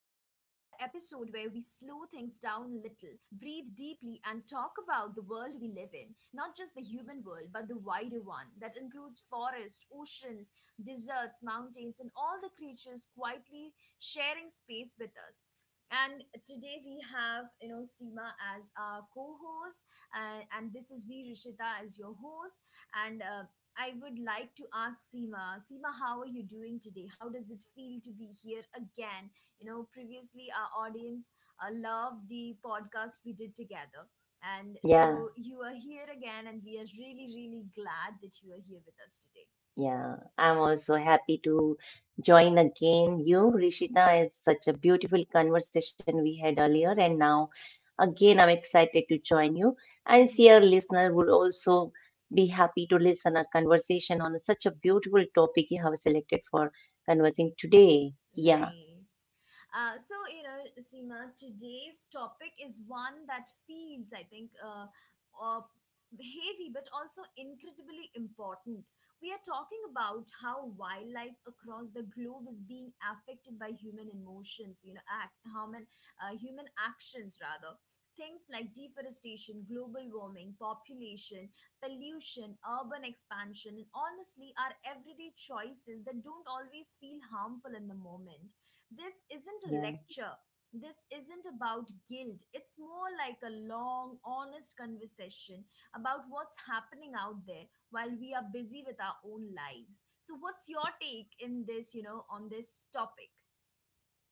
we slow things down a little, breathe deeply, and talk about the world we live in. Not just the human world, but the wider one that includes forests, oceans, deserts, mountains, and all the creatures quietly sharing space with us. And today we have, you know, Seema as our co-host, and this is me, Rishita, as your host. And I would like to ask Seema. Seema, how are you doing today? How does it feel to be here again? You know, previously our audience loved the podcast we did together. And Yeah, so you are here again, and we are really, really glad that you are here with us today. yeah. I'm also happy to join again you, Rishita. It's such a beautiful conversation we had earlier, and now again I'm excited to join you. And dear listener would also be happy to listen a conversation on such a beautiful topic you have selected for conversing today. Yeah, Right. So, you know, Seema, today's topic is one that feels, I think, uh, heavy but also incredibly important. We are talking about how wildlife across the globe is being affected by human emotions, human actions rather. Things like deforestation, global warming, population, pollution, urban expansion, and honestly, our everyday choices that don't always feel harmful in the moment. This isn't a yeah. lecture. This isn't about guilt. It's more like a long, honest conversation about what's happening out there while we are busy with our own lives. So, what's your take in this, you know, on this topic?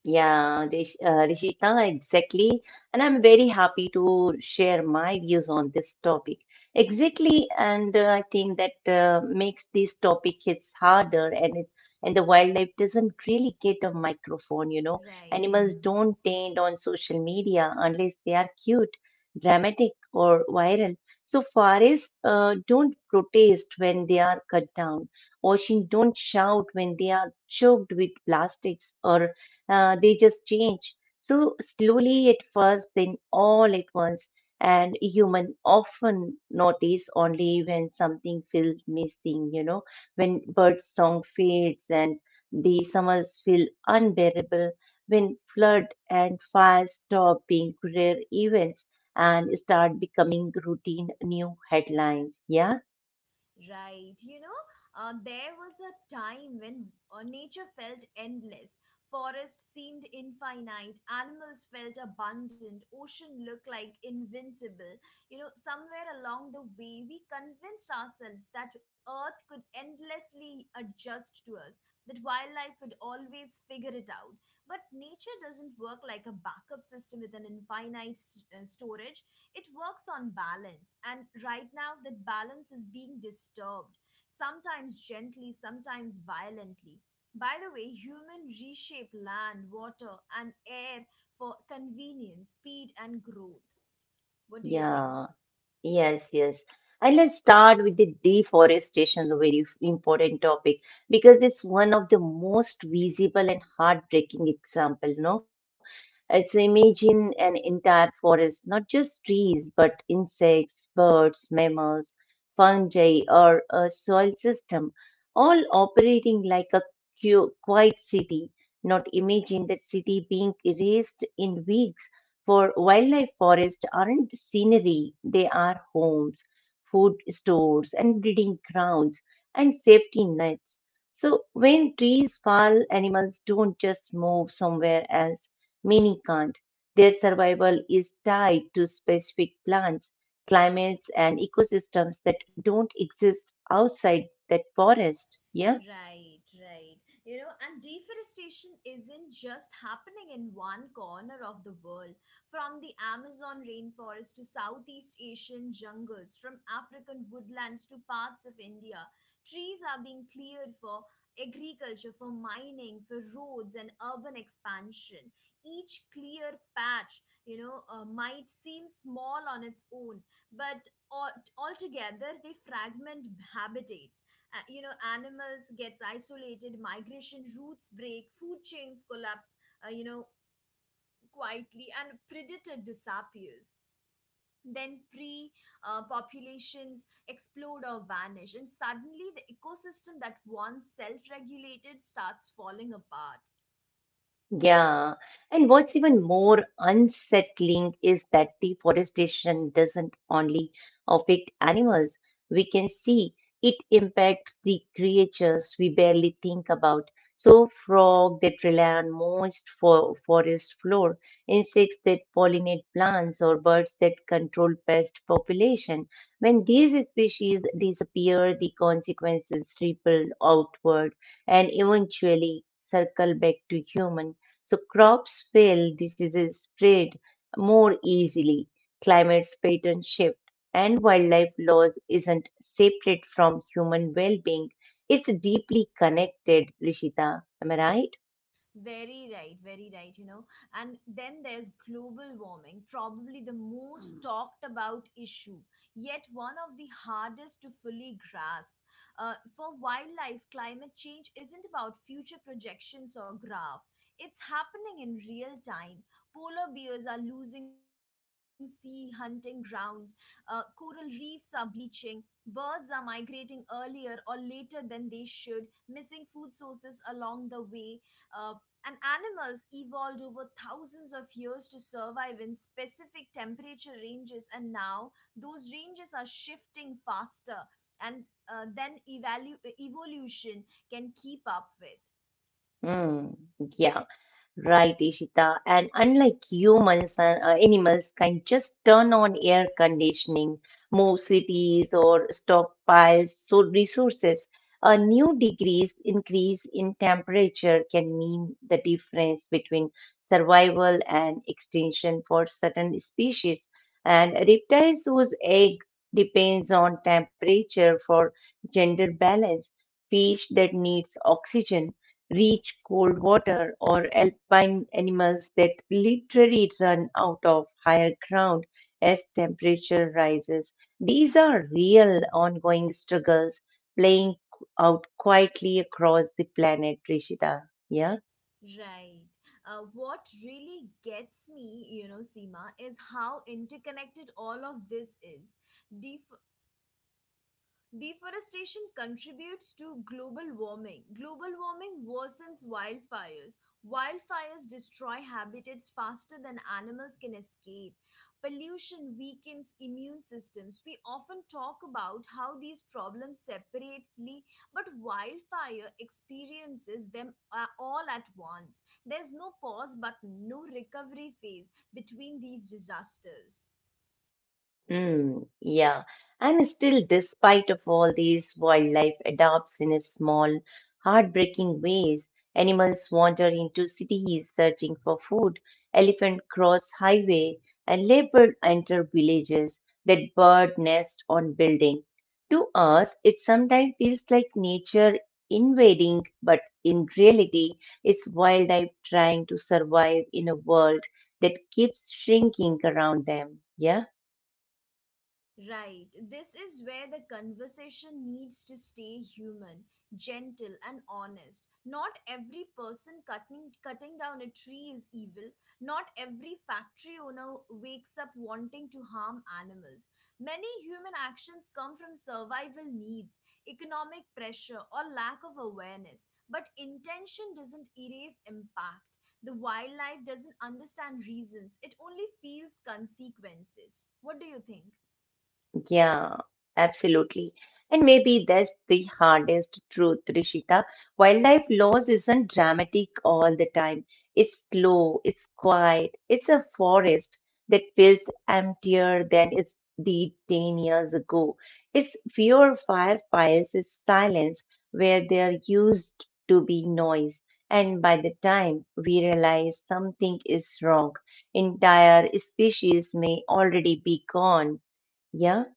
Yeah, Rishita, exactly. And I'm very happy to share my views on this topic. Exactly, and I think that makes this topic hits harder, and it and the wildlife doesn't really get a microphone. You know, Right. animals don't trend on social media unless they are cute, dramatic, or viral. So forests don't protest when they are cut down. Ocean don't shout when they are choked with plastics, or they just change. So slowly at first, then all at once. And human often notice only when something feels missing, you know, when bird song fades and the summers feel unbearable, when flood and fire stop being rare events and start becoming routine new headlines. Yeah, Right, you know, there was a time when nature felt endless. Forest seemed infinite, animals felt abundant, ocean looked like invincible. You know, somewhere along the way, we convinced ourselves that Earth could endlessly adjust to us, that wildlife would always figure it out. But nature doesn't work like a backup system with an infinite storage. It works on balance, and right now that balance is being disturbed, sometimes gently, sometimes violently, by the way human reshape land, water, and air for convenience, speed, and growth. What do you think? yeah. Yes, yes. And let's start with the deforestation, a very important topic, because it's one of the most visible and heartbreaking example, no? It's imagine an entire forest, not just trees, but insects, birds, mammals, fungi, or a soil system, all operating like a quiet city. Not imagine that city being erased in weeks for wildlife forests aren't scenery, they are homes, food stores, and breeding grounds, and safety nets. So when trees fall, animals don't just move somewhere else, many can't. Their survival is tied to specific plants, climates, and ecosystems that don't exist outside that forest. Yeah. Right, right. You know, and deforestation isn't just happening in one corner of the world. From the Amazon rainforest to Southeast Asian jungles, from African woodlands to parts of India, trees are being cleared for agriculture, for mining, for roads, and urban expansion. Each clear patch, you know, might seem small on its own, but altogether they fragment habitats. You know, animals gets isolated, migration routes break, food chains collapse, you know, quietly, and predator disappears, then pre populations explode or vanish, and suddenly the ecosystem that once self regulated starts falling apart. Yeah, and what's even more unsettling is that deforestation doesn't only affect animals. We can see it impacts the creatures we barely think about. So, frog that rely on moist for forest floor, insects that pollinate plants, or birds that control pest population. When these species disappear, the consequences ripple outward and eventually circle back to human so crops fail, diseases spread more easily, climates pattern shift, and wildlife loss isn't separate from human well-being. It's deeply connected, Rishita. Am I right? Very right, very right, you know. And then there's global warming, probably the most talked about issue, yet one of the hardest to fully grasp. For wildlife, climate change isn't about future projections or graph. It's happening in real time. Polar bears are losing sea hunting grounds. Coral reefs are bleaching. Birds are migrating earlier or later than they should, missing food sources along the way. Uh, and animals evolved over thousands of years to survive in specific temperature ranges, and now those ranges are shifting faster, and evolution can keep up with. Mm, yeah, right, Ishita. And unlike humans and animals can just turn on air conditioning, move cities or stockpile so resources, a new degrees increase in temperature can mean the difference between survival and extinction for certain species. And reptiles whose egg depends on temperature for gender balance, fish that needs oxygen reach cold water, or alpine animals that literally run out of higher ground as temperature rises. These are real ongoing struggles playing out quietly across the planet, Rishita. Yeah. Right. What really gets me, you know, Seema, is how interconnected all of this is. Deforestation contributes to global warming. Global warming worsens wildfires. Wildfires destroy habitats faster than animals can escape. Pollution weakens immune systems. We often talk about how these problems separately, but wildfire experiences them, all at once. There's no pause but no recovery phase between these disasters. Hmm, yeah. And still, despite of all these, wildlife adapts in a small, heartbreaking ways. Animals wander into cities searching for food, elephant cross highway, and leopard enter villages that bird nest on building. To us, it sometimes feels like nature invading, but in reality, it's wildlife trying to survive in a world that keeps shrinking around them. Yeah. Right. This is where the conversation needs to stay human, gentle, and honest. Not every person cutting down a tree is evil. Not every factory owner wakes up wanting to harm animals. Many human actions come from survival needs, economic pressure, or lack of awareness. But intention doesn't erase impact. The wildlife doesn't understand reasons. It only feels consequences. What do you think? Yeah, absolutely. And maybe that's the hardest truth, Rishita. Wildlife loss isn't dramatic all the time. It's slow, it's quiet, it's a forest that feels emptier than it did 10 years ago. It's fewer firefighters, it's silence where there used to be noise. And by the time we realize something is wrong, entire species may already be gone. Yeah.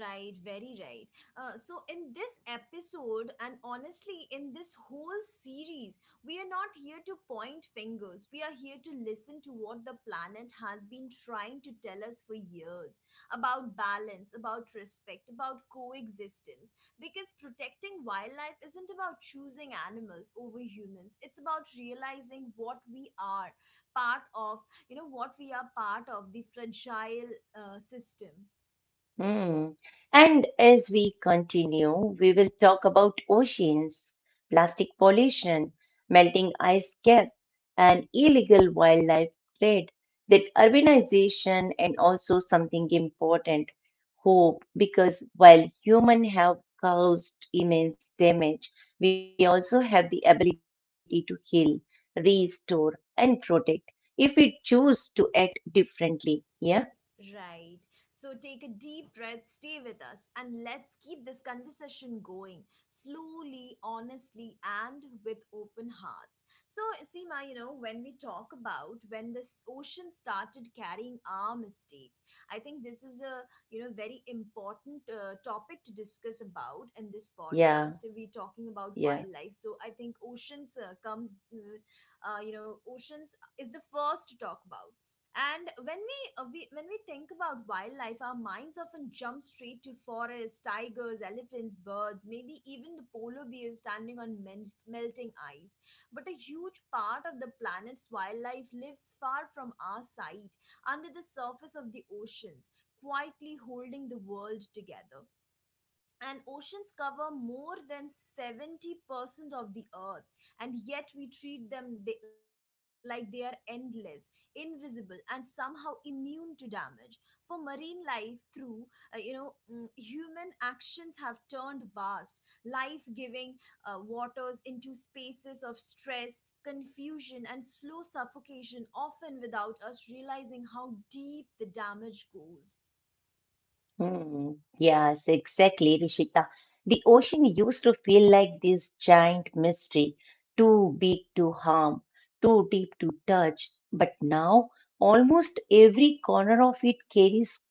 Right, very right. So, in this episode, and honestly, in this whole series, we are not here to point fingers. We are here to listen to what the planet has been trying to tell us for years about balance, about respect, about coexistence. Because protecting wildlife isn't about choosing animals over humans, it's about realizing what we are part of, you know, what we are part of the fragile system. Hmm. And as we continue, we will talk about oceans, plastic pollution, melting ice cap, and illegal wildlife trade, that urbanization, and also something important, hope, because while humans have caused immense damage, we also have the ability to heal, restore, and protect if we choose to act differently. Yeah, Right. So take a deep breath, stay with us, and let's keep this conversation going slowly, honestly, and with open hearts. So, Seema, you know, when we talk about when this ocean started carrying our mistakes, I think this is a, you know, very important topic to discuss about in this yeah, podcast. We're talking about yeah. wildlife. So, I think oceans you know, oceans is the first to talk about. And when we, uh, we when we think about wildlife, our minds often jump straight to forests, tigers, elephants, birds, maybe even the polar bear standing on melting ice. But a huge part of the planet's wildlife lives far from our sight, under the surface of the oceans, quietly holding the world together. And oceans cover more than 70% of the earth, and yet we treat them like they are endless, invisible, and somehow immune to damage. For marine life through, you know, human actions have turned vast, life giving waters into spaces of stress, confusion, and slow suffocation, often without us realizing how deep the damage goes. Hmm. Yes, exactly, Rishita. The ocean used to feel like this giant mystery, too big to harm, too deep to touch. But now, almost every corner of it carries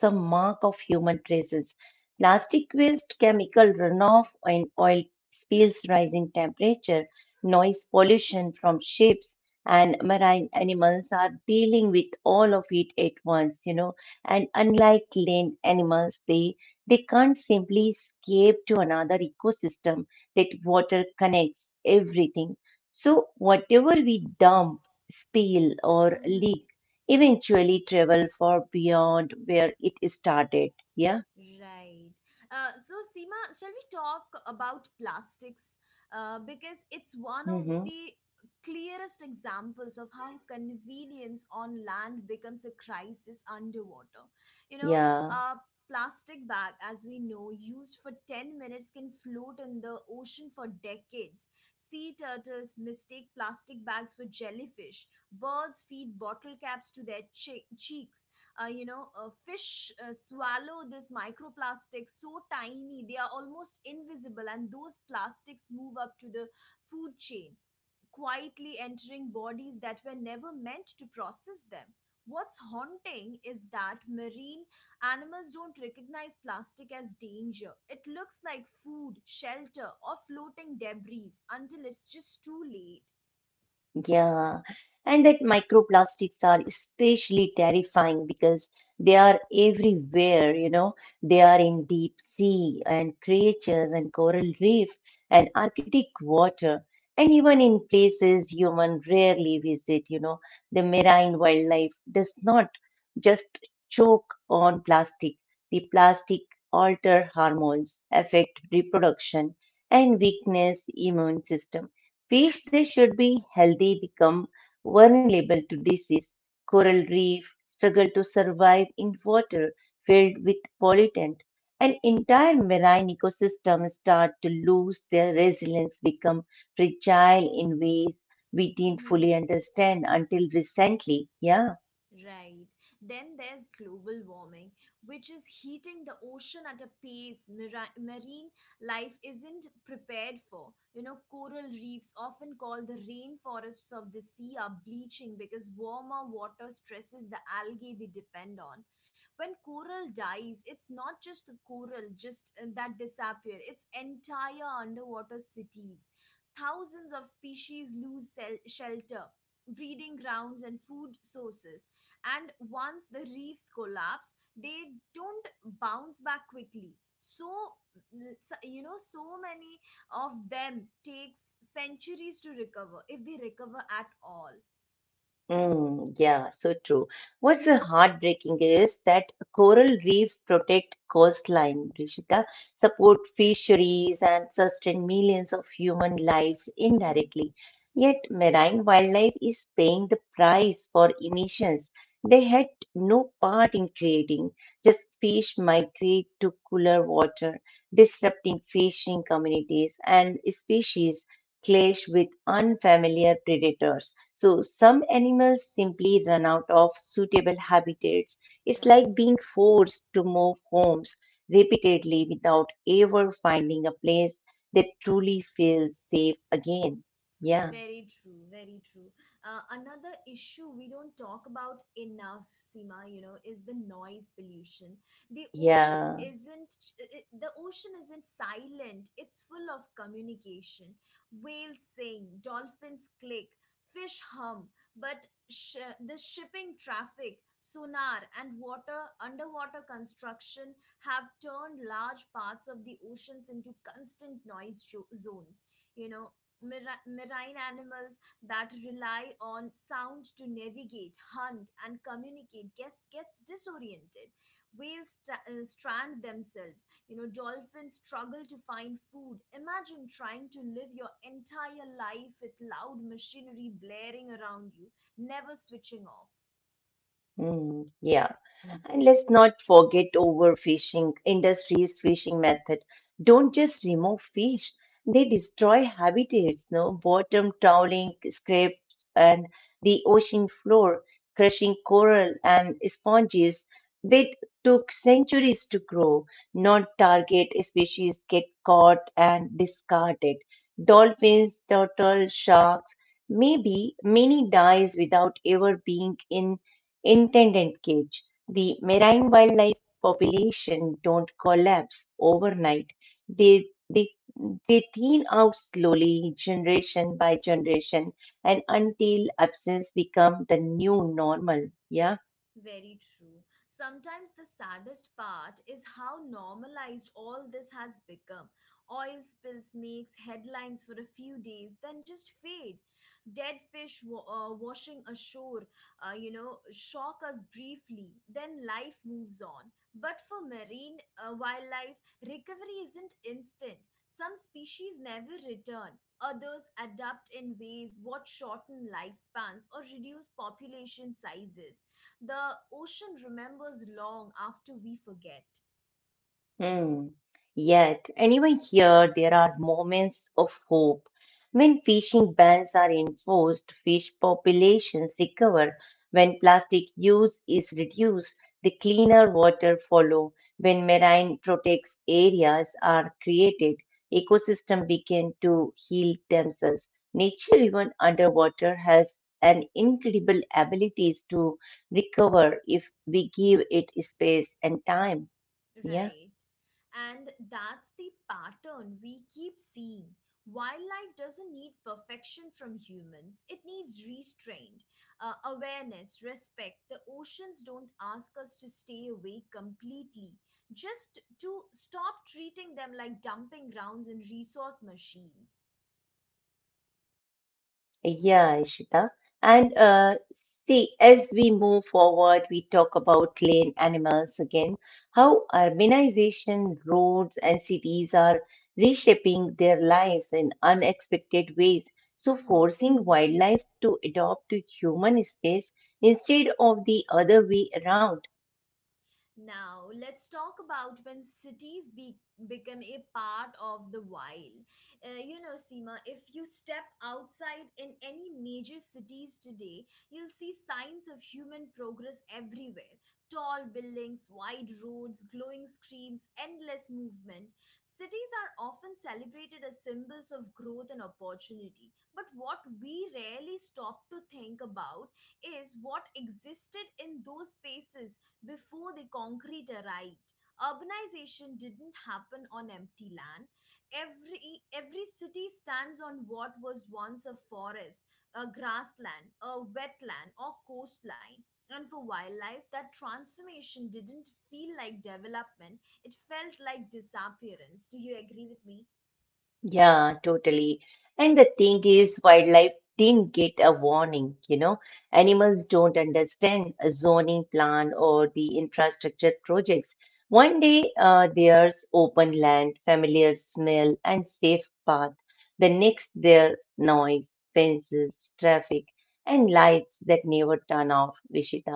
some mark of human traces. Plastic waste, chemical runoff, and oil spills, rising temperatures noise pollution from ships and marine animals are dealing with all of it at once, you know, and unlike land animals they can't simply escape to another ecosystem that water connects everything, so whatever we dump spill or leak eventually travel far beyond where it started. Yeah, Right. So, Seema, shall we talk about plastics? Because it's one of hmm, the clearest examples of how convenience on land becomes a crisis underwater. You know, yeah. a plastic bag, as we know, used for 10 minutes can float in the ocean for decades. Sea turtles mistake plastic bags for jellyfish, birds feed bottle caps to their cheeks. You know, fish swallow this microplastics so tiny they are almost invisible, and those plastics move up to the food chain, quietly entering bodies that were never meant to process them. What's haunting is that marine animals don't recognize plastic as danger. It looks like food, shelter, or floating debris until it's just too late. Yeah, and that microplastics are especially terrifying because they are everywhere, you know. They are in deep sea and creatures and coral reef and Arctic water and even in places human rarely visit, you know. The marine wildlife does not just choke on plastic. The plastic alter hormones, affect reproduction and weakness immune system. Fish they should be healthy become vulnerable to disease. Coral reef struggle to survive in water filled with pollutant and entire marine ecosystems start to lose their resilience become fragile in ways we didn't fully understand until recently. Yeah. Right. Then there's global warming, which is heating the ocean at a pace marine life isn't prepared for. You know, coral reefs, often called the rainforests of the sea, are bleaching because warmer water stresses the algae they depend on. When coral dies, it's not just the coral just that disappear, it's entire underwater cities. Thousands of species lose shelter, breeding grounds, and food sources. And once the reefs collapse they don't bounce back quickly, so you know, so many of them takes centuries to recover if they recover at all. Mm, yeah, so true. What's the heartbreaking is that coral reefs protect coastline, Rishita, support fisheries and sustain millions of human lives Hmm. indirectly. Yet marine wildlife is paying the price for emissions they had no part in creating. Just fish migrate to cooler water, disrupting fishing communities and species clash with unfamiliar predators. So some animals simply run out of suitable habitats. It's like Right. being forced to move homes repeatedly without ever finding a place that truly feels safe again. Yeah, Very true, very true. Another issue we don't talk about enough, Seema, you know, is the noise pollution. The ocean yeah, isn't the ocean isn't silent. It's full of communication. Whales sing, dolphins click, fish hum, but the shipping traffic, sonar, and water underwater construction have turned large parts of the oceans into constant noise zones. You know, marine animals that rely on sound to navigate, hunt, and communicate gets disoriented. Whales strand themselves. You know, dolphins struggle to find food. Imagine trying to live your entire life with loud machinery blaring around you, never switching off. mm, yeah. And let's not forget overfishing. Industries fishing method don't just remove fish; they destroy habitats. No bottom trawling scrapes and the ocean floor, crushing coral and sponges that took centuries to grow. Non-target species get caught and discarded. Dolphins, turtles, sharks. Maybe many dies without ever being in intended cage the marine wildlife population don't collapse overnight. They, they, they thin out slowly, generation by generation, and until absence become the new normal. Yeah. Very true. Sometimes the saddest part is how normalized all this has become. Oil spills makes headlines for a few days, then just fade. Dead fish washing ashore, you know, shock us briefly, then life moves on. But for marine wildlife, recovery isn't instant. Some species never return. Others adapt in ways what shorten lifespans or reduce population sizes. The ocean remembers long after we forget, Hmm. Yet, even here, there are moments of hope. When fishing bans are enforced, fish populations recover. When plastic use is reduced, the cleaner water follow. When marine protects areas are created, ecosystem begin to heal themselves. Nature, even underwater, has an incredible abilities to recover if we give it space and time. Yeah. right? And that's the pattern we keep seeing. Wildlife doesn't need perfection from humans, it needs restraint, awareness, respect. The oceans don't ask us to stay awake completely, just to stop treating them like dumping grounds and resource machines. Yeah, Ishita. And see, as we move forward, we talk about plain animals again, how urbanization, roads, and cities are reshaping their lives in unexpected ways. So, Mhm. forcing wildlife to adopt to human space instead of the other way around. Now, let's talk about when cities become a part of the wild. You know, Seema, if you step outside in any major cities today, you'll see signs of human progress everywhere: tall buildings, wide roads, glowing screens, endless movement. Cities are often celebrated as symbols of growth and opportunity. But what we rarely stop to think about is what existed in those spaces before the concrete arrived. Urbanization didn't happen on empty land. Every every city stands on what was once a forest, a grassland, a wetland, or coastline. And for wildlife, that transformation didn't feel like development. It felt like disappearance. Do you agree with me? Yeah, totally. And the thing is, wildlife didn't get a warning, you know. Animals don't understand a zoning plan or the infrastructure projects. One day, there's open land, familiar smell, and safe path. The next, there noise, fences, traffic, and lights that never turn off, Rishita.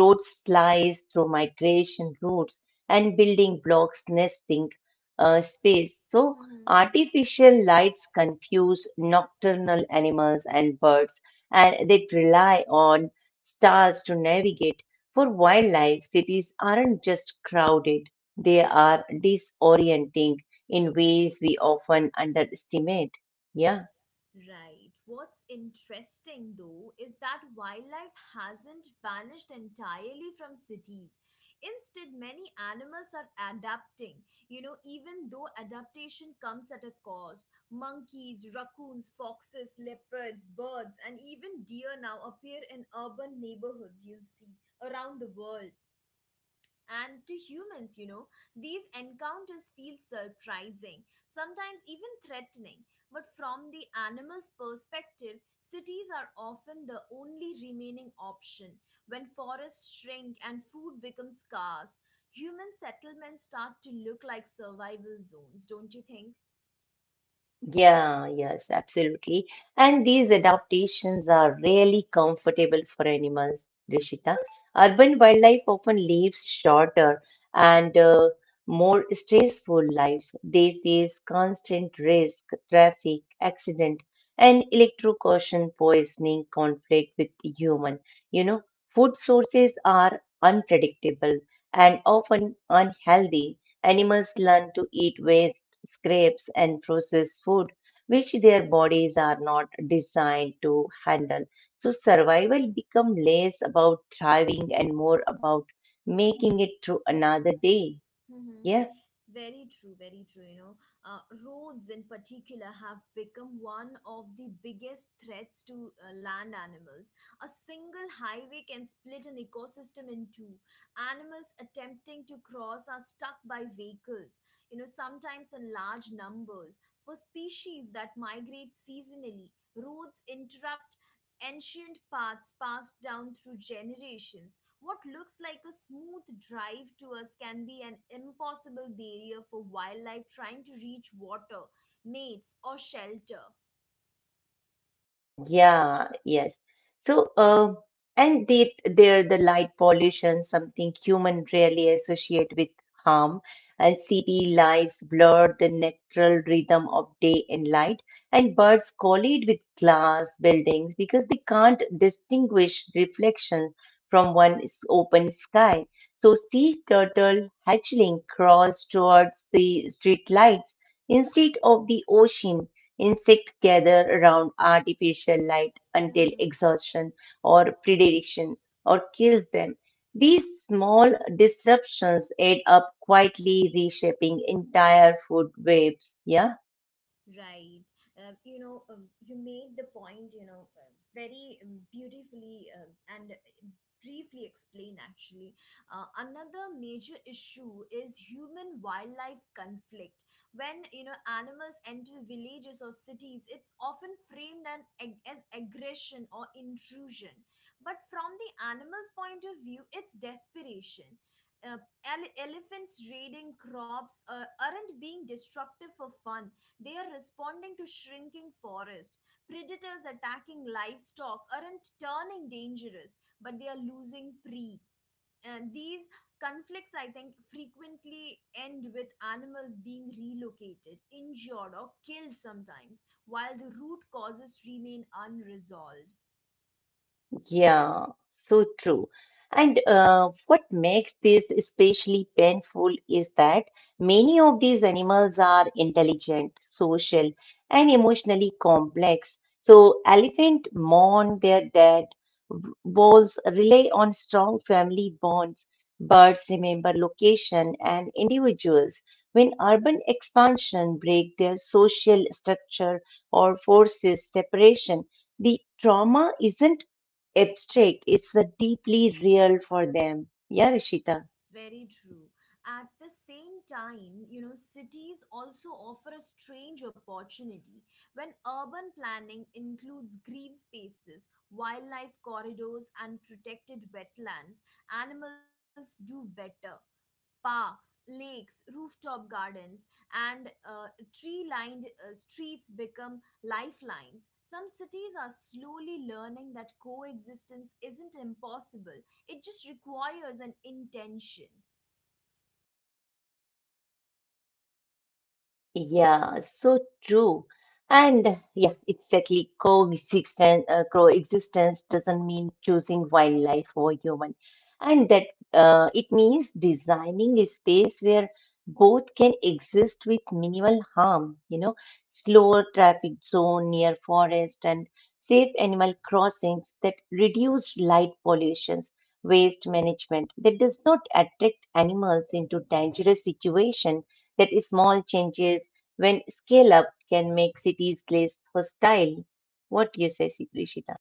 Roads slice through migration routes and building blocks nesting space. So artificial lights confuse nocturnal animals and birds, and they rely on stars to navigate. For wildlife, cities aren't just crowded, they are disorienting in ways we often underestimate. Yeah. Right. What's interesting though is that wildlife hasn't vanished entirely from cities. Instead, many animals are adapting. You know, even though adaptation comes at a cost, monkeys, raccoons, foxes, leopards, birds, and even deer now appear in urban neighborhoods, you'll see, around the world. And to humans, these encounters feel surprising, sometimes even threatening. But from the animal's perspective, cities are often the only remaining option. When forests shrink and food becomes scarce, human settlements start to look like survival zones, don't you think? Yeah, yes, absolutely. And these adaptations are really comfortable for animals, Rishita. Urban wildlife often lives shorter and more stressful lives. They face constant risk, traffic, accident, and electrocution, poisoning, conflict with human. You know, food sources are unpredictable and often unhealthy. Animals learn to eat waste, scraps, and processed food, which their bodies are not designed to handle. So survival become less about thriving and more about making it through another day. Yeah. Very true, very true. Uh, Roads in particular have become one of the biggest threats to land animals. A single highway can split an ecosystem in two. Animals attempting to cross are stuck by vehicles, sometimes in large numbers. For species that migrate seasonally, roads interrupt ancient paths passed down through generations. What looks like a smooth drive to us can be an impossible barrier for wildlife trying to reach water, mates, or shelter. Yeah, yes. So, and they, they're the light pollution, something human rarely associate with harm. And city lights blur the natural rhythm of day and light, and birds collide with glass buildings because they can't distinguish reflection from one open sky. So, sea turtle hatchling crawls towards the street lights instead of the ocean. Insects gather around artificial light until exhaustion or predilection or kills them. These small disruptions add up quietly reshaping entire food webs. Yeah. Right. You made the point, very beautifully and briefly explain actually. Another major issue is human wildlife conflict. When, you know, animals enter villages or cities, it's often framed as aggression or intrusion. But from the animal's point of view, it's desperation. Elephants raiding crops aren't being destructive for fun. They are responding to shrinking forest. Predators attacking livestock aren't turning dangerous, but they are losing prey. And these conflicts, I think, frequently end with animals being relocated, injured, or killed sometimes, while the root causes remain unresolved. Yeah, so true. And what makes this especially painful is that many of these animals are intelligent, social, and emotionally complex. So elephant mourn their dead, wolves rely on strong family bonds, birds remember location and individuals. When urban expansion break their social structure or forces separation, the trauma isn't abstract. It's a deeply real for them. Yeah, Rishita. Very true. At the same time, you know, cities also offer a strange opportunity when urban planning includes green spaces, wildlife corridors, and protected wetlands. Animals do better. Parks, lakes, rooftop gardens, and tree lined streets become lifelines. Some cities are slowly learning that coexistence isn't impossible, it just requires an intention. Yeah, so true. And yeah, exactly. Coexistence doesn't mean choosing wildlife over human. And that it means designing a space where both can exist with minimal harm, you know, slower traffic zone near forest and safe animal crossings that reduce light pollutions waste management that does not attract animals into dangerous situation that is small changes when scale up can make cities less hostile. What do you say, Rishita?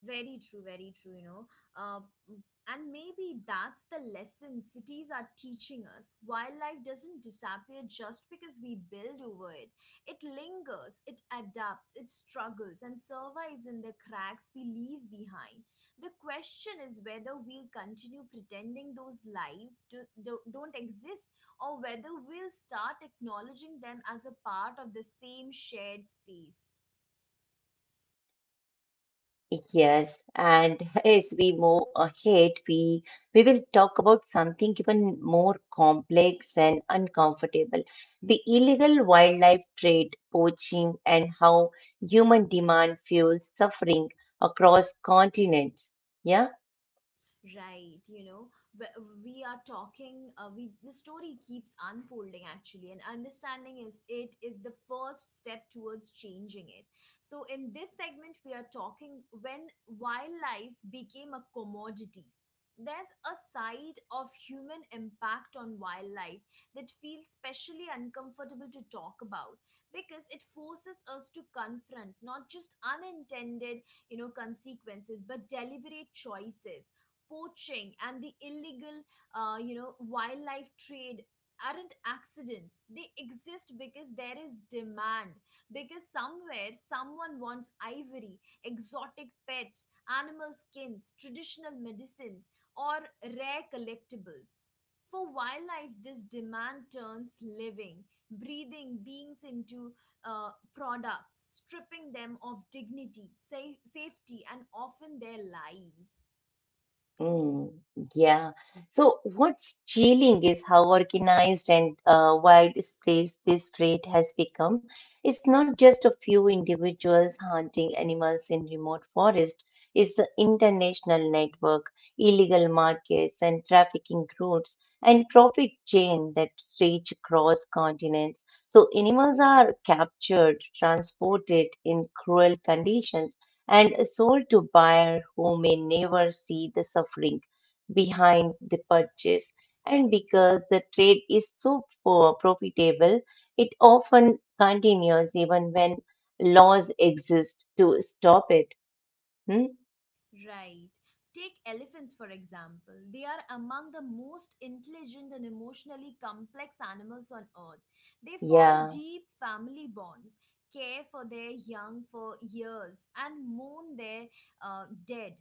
Very true, you know. Uh, and maybe that's the lesson cities are teaching us. Wildlife doesn't disappear just because we build over it. It lingers, it adapts, it struggles, and survives in the cracks we leave behind. The question is whether we'll continue pretending those lives don't exist, or whether we'll start acknowledging them as a part of the same shared space. Yes, and as we move ahead, we will talk about something even more complex and uncomfortable. The illegal wildlife trade, poaching, and how human demand fuels suffering across continents. Yeah. Right, you know, but we are talking. We The story keeps unfolding actually, and understanding is the first step towards changing it. So in this segment, we are talking when wildlife became a commodity. There's a side of human impact on wildlife that feels specially uncomfortable to talk about because it forces us to confront not just unintended, you know, consequences, but deliberate choices. Poaching and the illegal you know, wildlife trade aren't accidents. They exist because there is demand, because somewhere someone wants ivory, exotic pets, animal skins, traditional medicines, or rare collectibles. For wildlife, this demand turns living, breathing beings into uh, products, stripping them of dignity, safety, and often their lives. Mm, yeah. So what's chilling is how organized and widespread this trait has become. It's not just a few individuals hunting animals in remote forest. It's an international network, illegal markets and trafficking routes and profit chain that stretch across continents. So animals are captured, transported in cruel conditions and sold to buyers who may never see the suffering behind the purchase. And because the trade is so profitable, it often continues even when laws exist to stop it. Hmm? Right. Take elephants, for example. They are among the most intelligent and emotionally complex animals on earth. They form Yeah. deep family bonds, care for their young for years, and mourn their dead.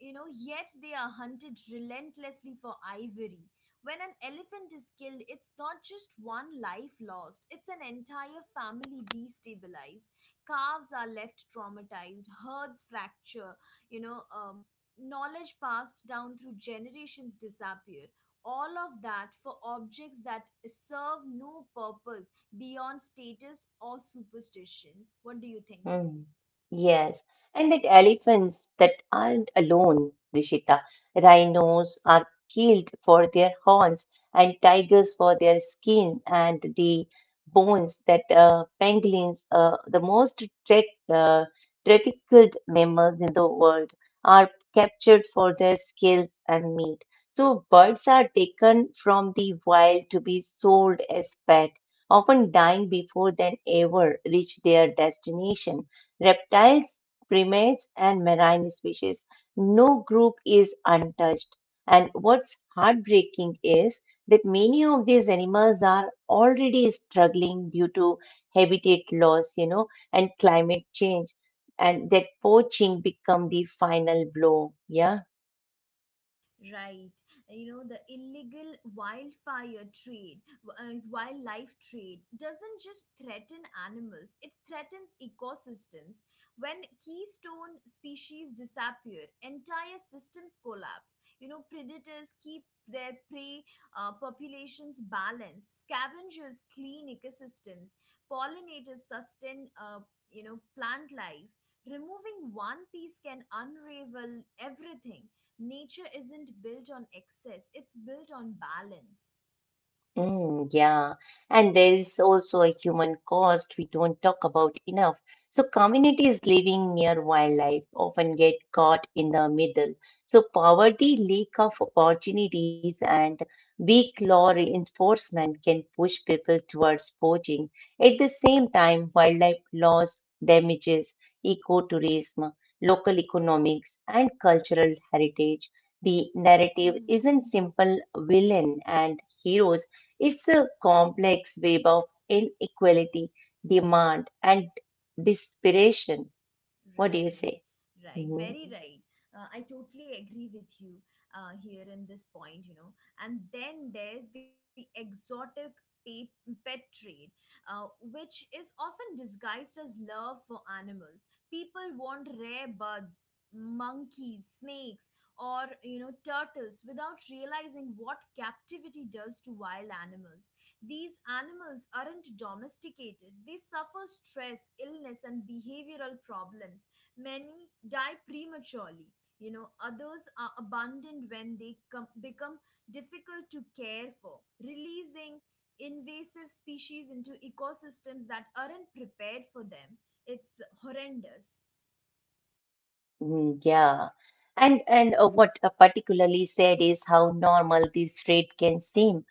You know, yet they are hunted relentlessly for ivory. When an elephant is killed, it's not just one life lost, it's an entire family destabilized. Calves are left traumatized, herds fracture, you know um, knowledge passed down through generations disappear, all of that for objects that serve no purpose beyond status or superstition. What do you think? Mm, Yes, and that elephants that aren't alone, Rishita. Rhinos are killed for their horns, and tigers for their skin and the bones that pangolins, the most uh, trafficked mammals in the world, are captured for their scales and meat. So birds are taken from the wild to be sold as pets often dying before they ever reach their destination. Reptiles, primates, and marine species, no group is untouched. And what's heartbreaking is that many of these animals are already struggling due to habitat loss, you know, and climate change. And that poaching become the final blow. Yeah. Right. You know, the illegal wildfire trade, wildlife trade, doesn't just threaten animals, it threatens ecosystems. When keystone species disappear, entire systems collapse. You know, predators keep their prey populations balanced, scavengers clean ecosystems, pollinators sustain, plant life. Removing one piece can unravel everything. Nature isn't built on excess, it's built on balance. Mm, yeah, and there is also a human cost we don't talk about enough. So, communities living near wildlife often get caught in the middle. So, poverty, lack of opportunities, and weak law enforcement can push people towards poaching. At the same time, wildlife loss damages ecotourism, local economics, and cultural heritage. The narrative isn't simple villain and heroes, it's a complex web of inequality, demand, and desperation. What do you Right, say? right, Mhm. very right. I totally agree with you here in this point, you know. And then there's the exotic pet, pet trade, which is often disguised as love for animals. People want rare birds, monkeys, snakes, or you know, turtles without realizing what captivity does to wild animals. These animals aren't domesticated, they suffer stress, illness, and behavioral problems. Many die prematurely. You know, others are abandoned when they become difficult to care for, releasing invasive species into ecosystems that aren't prepared for them. It's horrendous. Mm, yeah. And what particularly said is how normal this rate can seem.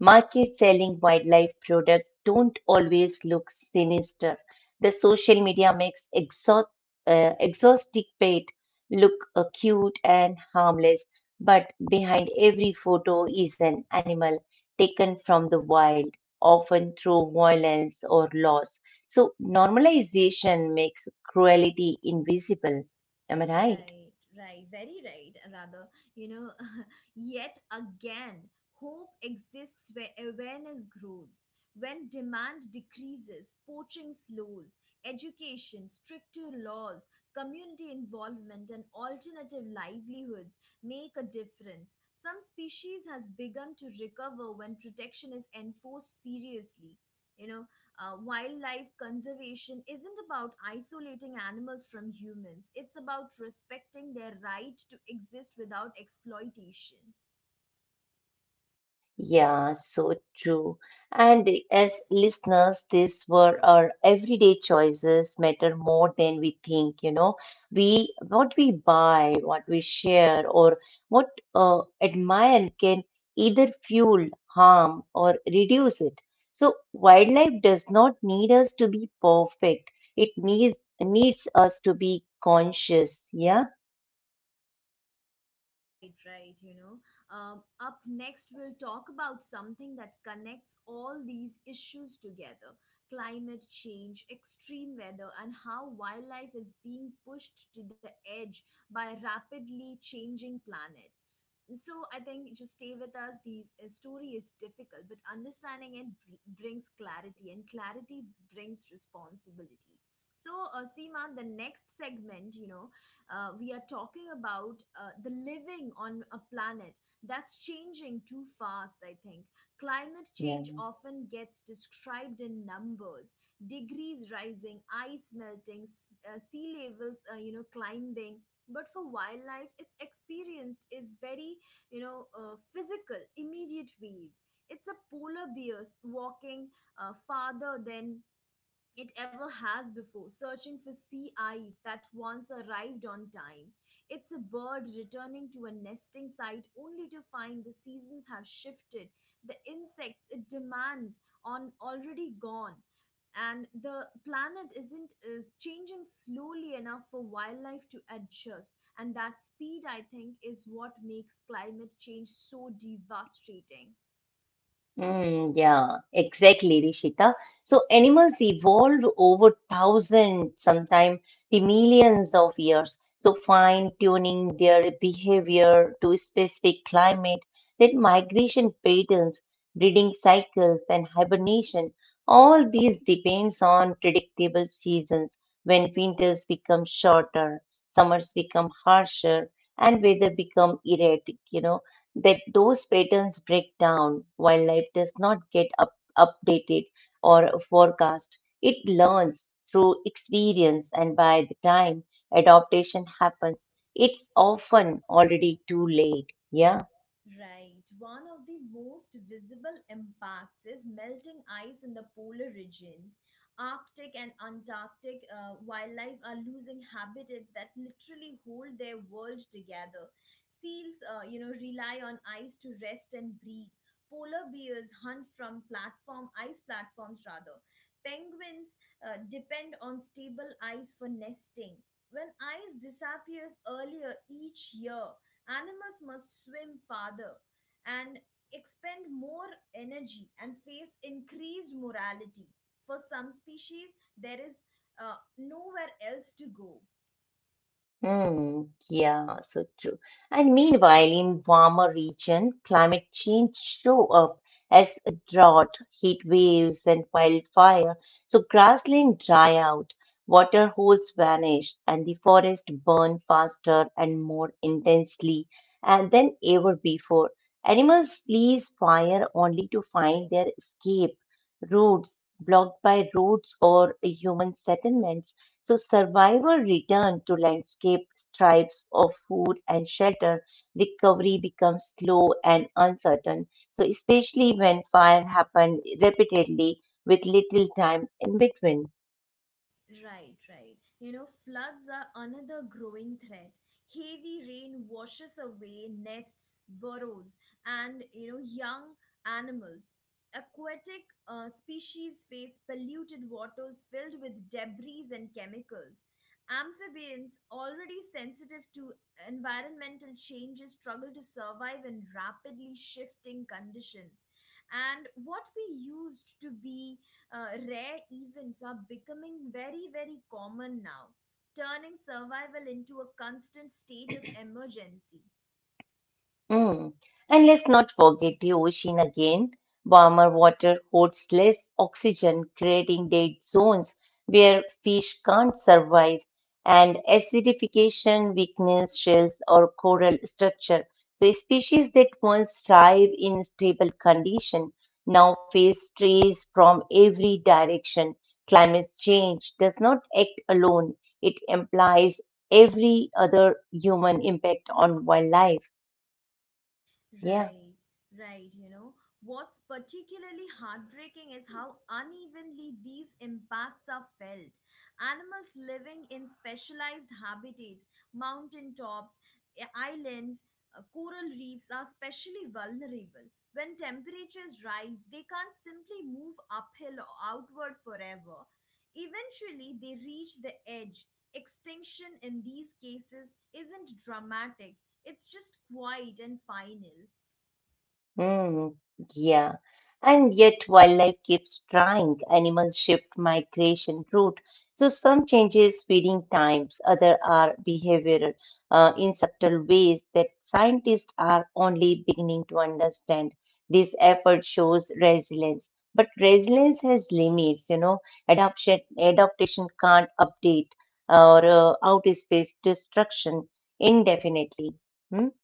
Market selling wildlife products don't always look sinister. The social media makes exotic pet look cute and harmless, but behind every photo is an animal taken from the wild, often through violence or loss. So normalization makes cruelty invisible. Am I right? Right, right, very right, rather. You know, yet again, hope exists where awareness grows. When demand decreases, poaching slows. Education, stricter laws, community involvement, and alternative livelihoods make a difference. Some species has begun to recover when protection is enforced seriously. You know, wildlife conservation isn't about isolating animals from humans, it's about respecting their right to exist without exploitation. Yeah, so true. And as listeners, these were our everyday choices matter more than we think, you know. We what we buy, what we share, or what admire can either fuel, harm, or reduce it. So wildlife does not need us to be perfect. It needs us to be conscious. Yeah, Right, right, you know. Up next we'll talk about something that connects all these issues together: climate change, extreme weather, and how wildlife is being pushed to the edge by rapidly changing planet. So I think just stay with us. The story is difficult, but understanding it brings clarity, and clarity brings responsibility. So Seema, the next segment, you know, we are talking about the living on a planet that's changing too fast. I think climate change yeah. often gets described in numbers, degrees rising, ice melting, sea levels you know, climbing. But for wildlife, its experienced is very, you know, physical, immediate ways. It's a polar bear walking farther than it ever has before, searching for sea ice that once arrived on time. It's a bird returning to a nesting site only to find the seasons have shifted, the insects it demands on already gone, and the planet isn't is changing slowly enough for wildlife to adjust. And that speed, I think, is what makes climate change so devastating. Mm, yeah, exactly, Rishita. So animals evolved over thousands, sometimes the millions of years. So fine-tuning their behavior to specific climate, then migration patterns, breeding cycles, and hibernation. All these depends on predictable seasons when winters become shorter, summers become harsher, and weather become erratic, you know, that those patterns break down. While life does not get up, updated or forecast. It learns through experience, and by the time adaptation happens, it's often already too late. Yeah. Right. One of the most visible impacts is melting ice in the polar regions. Arctic and Antarctic wildlife are losing habitats that literally hold their world together. Seals, you know, rely on ice to rest and breed. Polar bears hunt from platform ice platforms rather. Penguins depend on stable ice for nesting. When ice disappears earlier each year, animals must swim farther and expend more energy and face increased morality. For some species, there is nowhere else to go. Mm, yeah, so true. And meanwhile, in warmer region, climate change show up as a drought, heat waves, and wildfire. So grassland dry out, water holes vanish, and the forest burn faster and more intensely and than ever before. Animals flees fire only to find their escape routes blocked by roads or human settlements. So survivor return to landscape stripes of food and shelter. Recovery becomes slow and uncertain. So especially when fire happened repeatedly with little time in between. Right, right. You know, floods are another growing threat. Heavy rain washes away nests, burrows, and you know, young animals. Aquatic species face polluted waters filled with debris and chemicals. Amphibians, already sensitive to environmental changes, struggle to survive in rapidly shifting conditions. And what we used to be rare events are becoming very, very common now, turning survival into a constant state of emergency. Mm. And let's not forget the ocean again. Warmer water holds less oxygen, creating dead zones where fish can't survive, and acidification weakens shells or coral structure. So species that once thrive in stable condition now face strays from every direction. Climate change does not act alone. It implies every other human impact on wildlife. Yeah. Right, right. You know, what's particularly heartbreaking is how unevenly these impacts are felt. Animals living in specialized habitats, mountain tops, islands, coral reefs, are especially vulnerable. When temperatures rise, they can't simply move uphill or outward forever. Eventually, they reach the edge. Extinction in these cases isn't dramatic, it's just quiet and final. Hmm, yeah. And yet wildlife keeps trying. Animals shift migration route. So some changes feeding times, other are behavioral in subtle ways that scientists are only beginning to understand. This effort shows resilience. But resilience has limits, you know. Adoption, adaptation can't update or outspace destruction indefinitely. Hmm?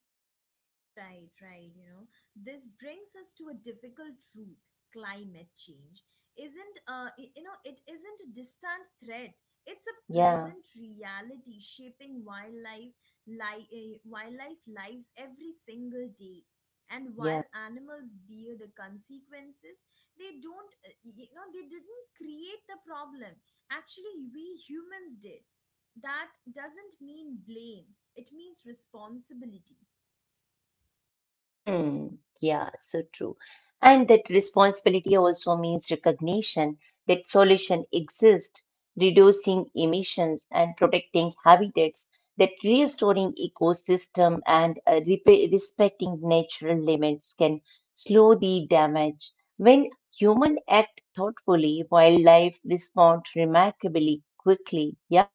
Right, right. You know, this brings us to a difficult truth. Climate change isn't, y- you know, it isn't a distant threat. It's a Yeah, present reality shaping wildlife, wildlife lives every single day. And yeah. while animals bear the consequences, they don't, y- you know, they didn't create the problem. Actually, we humans did. That doesn't mean blame. It means responsibility. Hmm. Yeah, so true. And that responsibility also means recognition that solution exists, reducing emissions and protecting habitats, that restoring ecosystem and repa respecting natural limits can slow the damage. When human act thoughtfully, wildlife respond remarkably quickly. Yeah.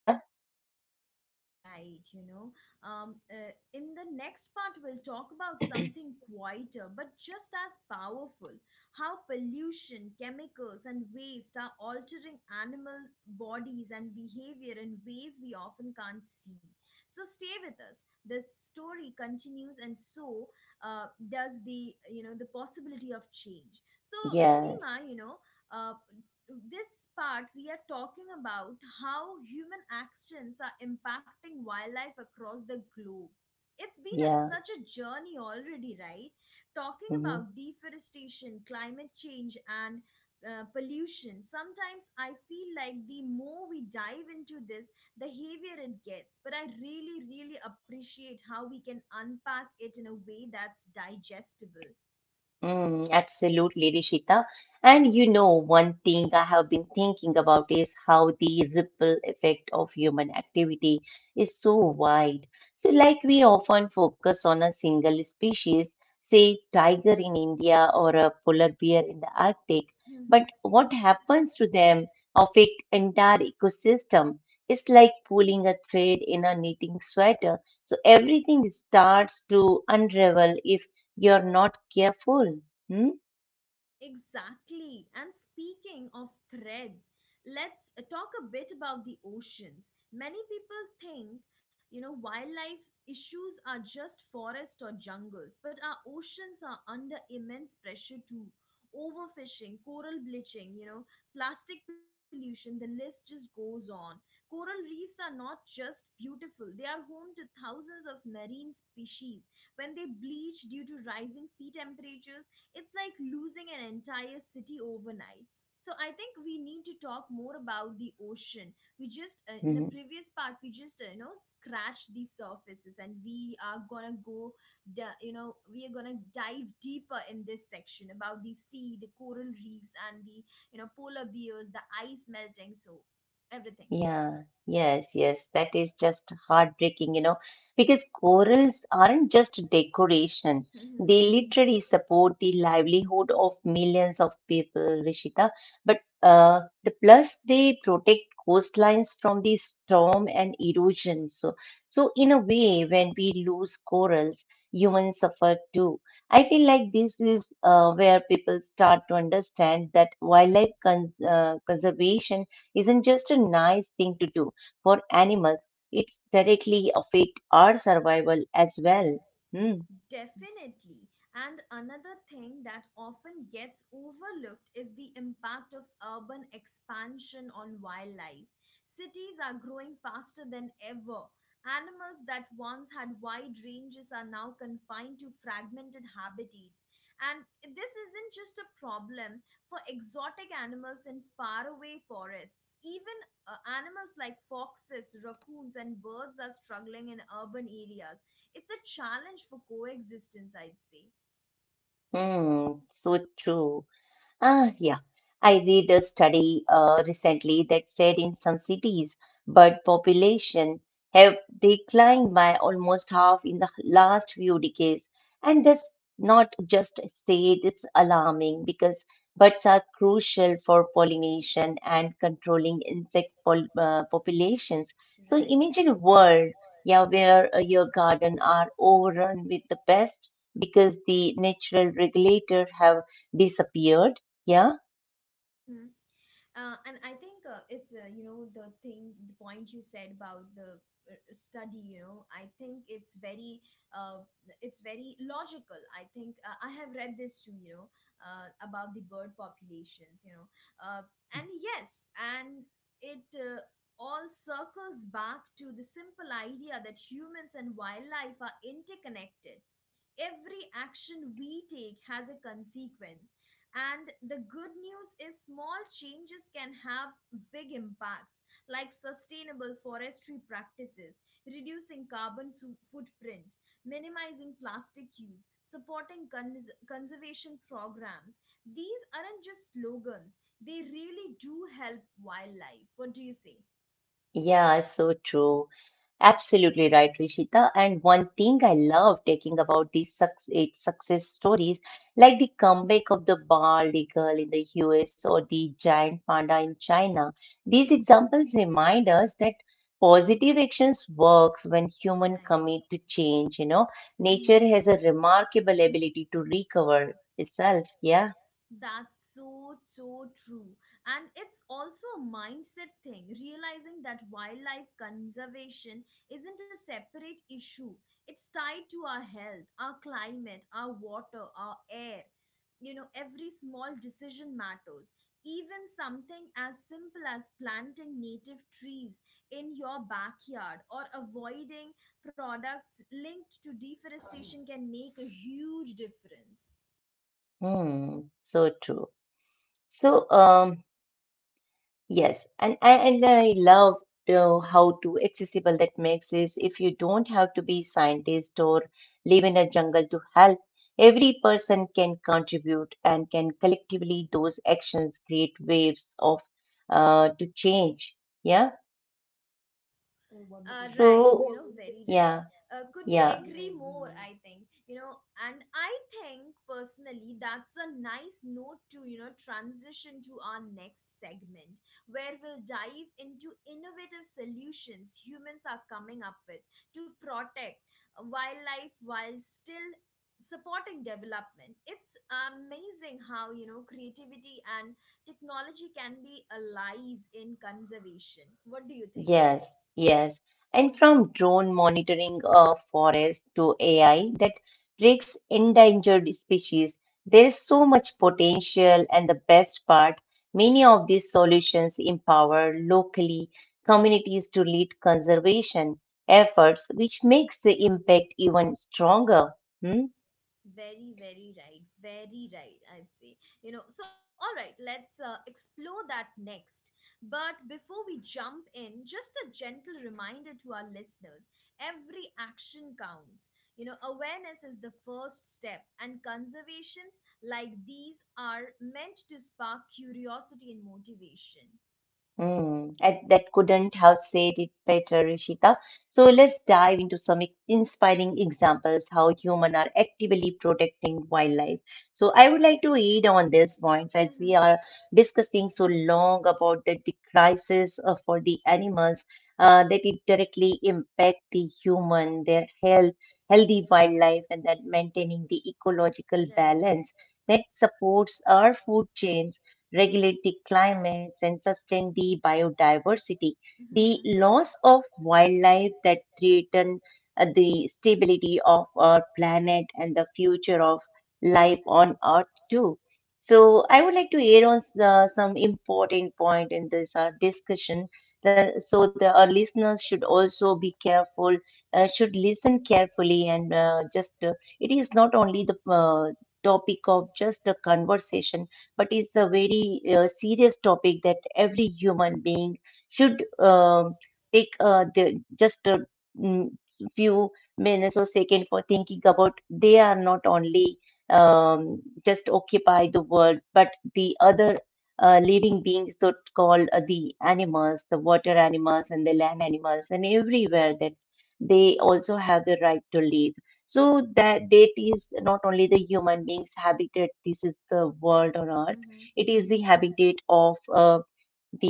Right, you know. In the next part, we'll talk about something quieter but just as powerful: how pollution, chemicals, and waste are altering animal bodies and behavior in ways we often can't see. So, stay with us. This story continues, and so does the you know the possibility of change. So, Yes. Seema, you know, uh, this part we are talking about how human actions are impacting wildlife across the globe. It's been a, Yeah. such a journey already, right? Talking Hmm. about deforestation, climate change, and pollution. Sometimes I feel like the more we dive into this, the heavier it gets, but I really, really appreciate how we can unpack it in a way that's digestible. Mm, absolutely, Rishita. And you know, one thing I have been thinking about is how the ripple effect of human activity is so wide. So, like we often focus on a single species, say tiger in India or a polar bear in the Arctic. But what happens to them of it entire ecosystem is like pulling a thread in a knitting sweater. So everything starts to unravel if you're not careful. Hmm? Exactly. And speaking of threads, let's talk a bit about the oceans. Many people think, you know, wildlife issues are just forests or jungles, but our oceans are under immense pressure too. Overfishing, coral bleaching, you know, plastic pollution, the list just goes on. Coral reefs are not just beautiful, they are home to thousands of marine species. When they bleach due to rising sea temperatures, it's like losing an entire city overnight. So I think we need to talk more about the ocean. We just in the previous part we just you know, scratched the surfaces, and we are gonna go, you know, we are gonna dive deeper in this section about the sea, the coral reefs, and the you know polar bears, the ice melting, so everything. Yeah, yes, yes. That is just heartbreaking, you know, because corals aren't just decoration. They literally support the livelihood of millions of people, Rishita. But the plus they protect coastlines from the storm and erosion. So in a way, when we lose corals, humans suffer too. I feel like this is where people start to understand that wildlife conservation isn't just a nice thing to do for animals, it's directly affect our survival as well. Hmm. Definitely. And another thing that often gets overlooked is the impact of urban expansion on wildlife. Cities are growing faster than ever. Animals that once had wide ranges are now confined to fragmented habitats. And this isn't just a problem for exotic animals in faraway forests. Even animals like foxes, raccoons, and birds are struggling in urban areas. It's a challenge for coexistence, I'd say. Hmm. So true. Ah, yeah. I read a study recently that said in some cities bird population have declined by almost half in the last few decades. And that's not just said, it's alarming because birds are crucial for pollination and controlling insect pol populations. So Right. imagine a world, yeah, where your garden are overrun with the pests because the natural regulator have disappeared, yeah, Mm-hmm. And I think it's the point you said about the study, I think uh, it's very logical. I think I have read this too, about the bird populations, uh, and yes, and it all circles back to the simple idea that humans and wildlife are interconnected. Every action we take has a consequence, and the good news is small changes can have big impacts, like sustainable forestry practices, reducing footprints, minimizing plastic use, supporting conservation programs. These aren't just slogans, they really do help wildlife. What do you say? yeah, so true. Absolutely right, Rishita. And one thing I love taking about these success stories, like the comeback of the bald eagle in the US or the giant panda in China, these examples remind us that positive actions works when human Right. commit to change, you know. Nature Hmm. has a remarkable ability to recover itself. Yeah. That's so, so true. And it's also a mindset thing, realizing that wildlife conservation isn't a separate issue. It's tied to our health, our climate, our water, our air. You know, every small decision matters. Even something as simple as planting native trees in your backyard or avoiding products linked to deforestation can make a huge difference. Hmm, so true. So, yes, and I love how to accessible that makes is if you don't have to be scientist or live in a jungle to help, every person can contribute and can collectively those actions create waves of to change. Yeah. Right, you So know, very right. yeah, Couldn't yeah. agree more, I think, you know. And I think personally that's a nice note to, you know, transition to our next segment, where we'll dive into innovative solutions humans are coming up with to protect wildlife while still supporting development. It's amazing how, you know, creativity and technology can be allies in conservation. What do you think? Yes, yes. And from drone monitoring of forests to AI that risks endangered species, there is so much potential. And the best part, many of these solutions empower locally communities to lead conservation efforts, which makes the impact even stronger. Hmm? Very, very right. Very right, I'd say. You know, so all right, let's explore that next. But before we jump in, just a gentle reminder to our listeners, every action counts. You know, awareness is the first step, and conservations like these are meant to spark curiosity and motivation. Mm, and that couldn't have said it better, Rishita. So let's dive into some inspiring examples how humans are actively protecting wildlife. So I would like to aid on these points as we Mhm. are discussing so long about the crisis for the animals that it directly impact the human, their health, healthy wildlife, and that maintaining the ecological Eco. balance that supports our food chains regulate the climates, and sustain the biodiversity. The Mm-hmm. loss of wildlife that threaten the stability of our planet and the future of life on Earth too. So I would like to add on some important point in this discussion. The, so the our listeners should also be careful, should listen carefully, and just it is not only the topic of just the conversation but it's a very serious topic that every human being should take just a mm, few minutes or second for thinking about they are not only just occupy the world, but the other living beings, so called the animals, the water animals and the land animals, and everywhere that they also have the right to live. So that is not only the human beings' habitat. This is the world on And Earth. animal. It is the habitat of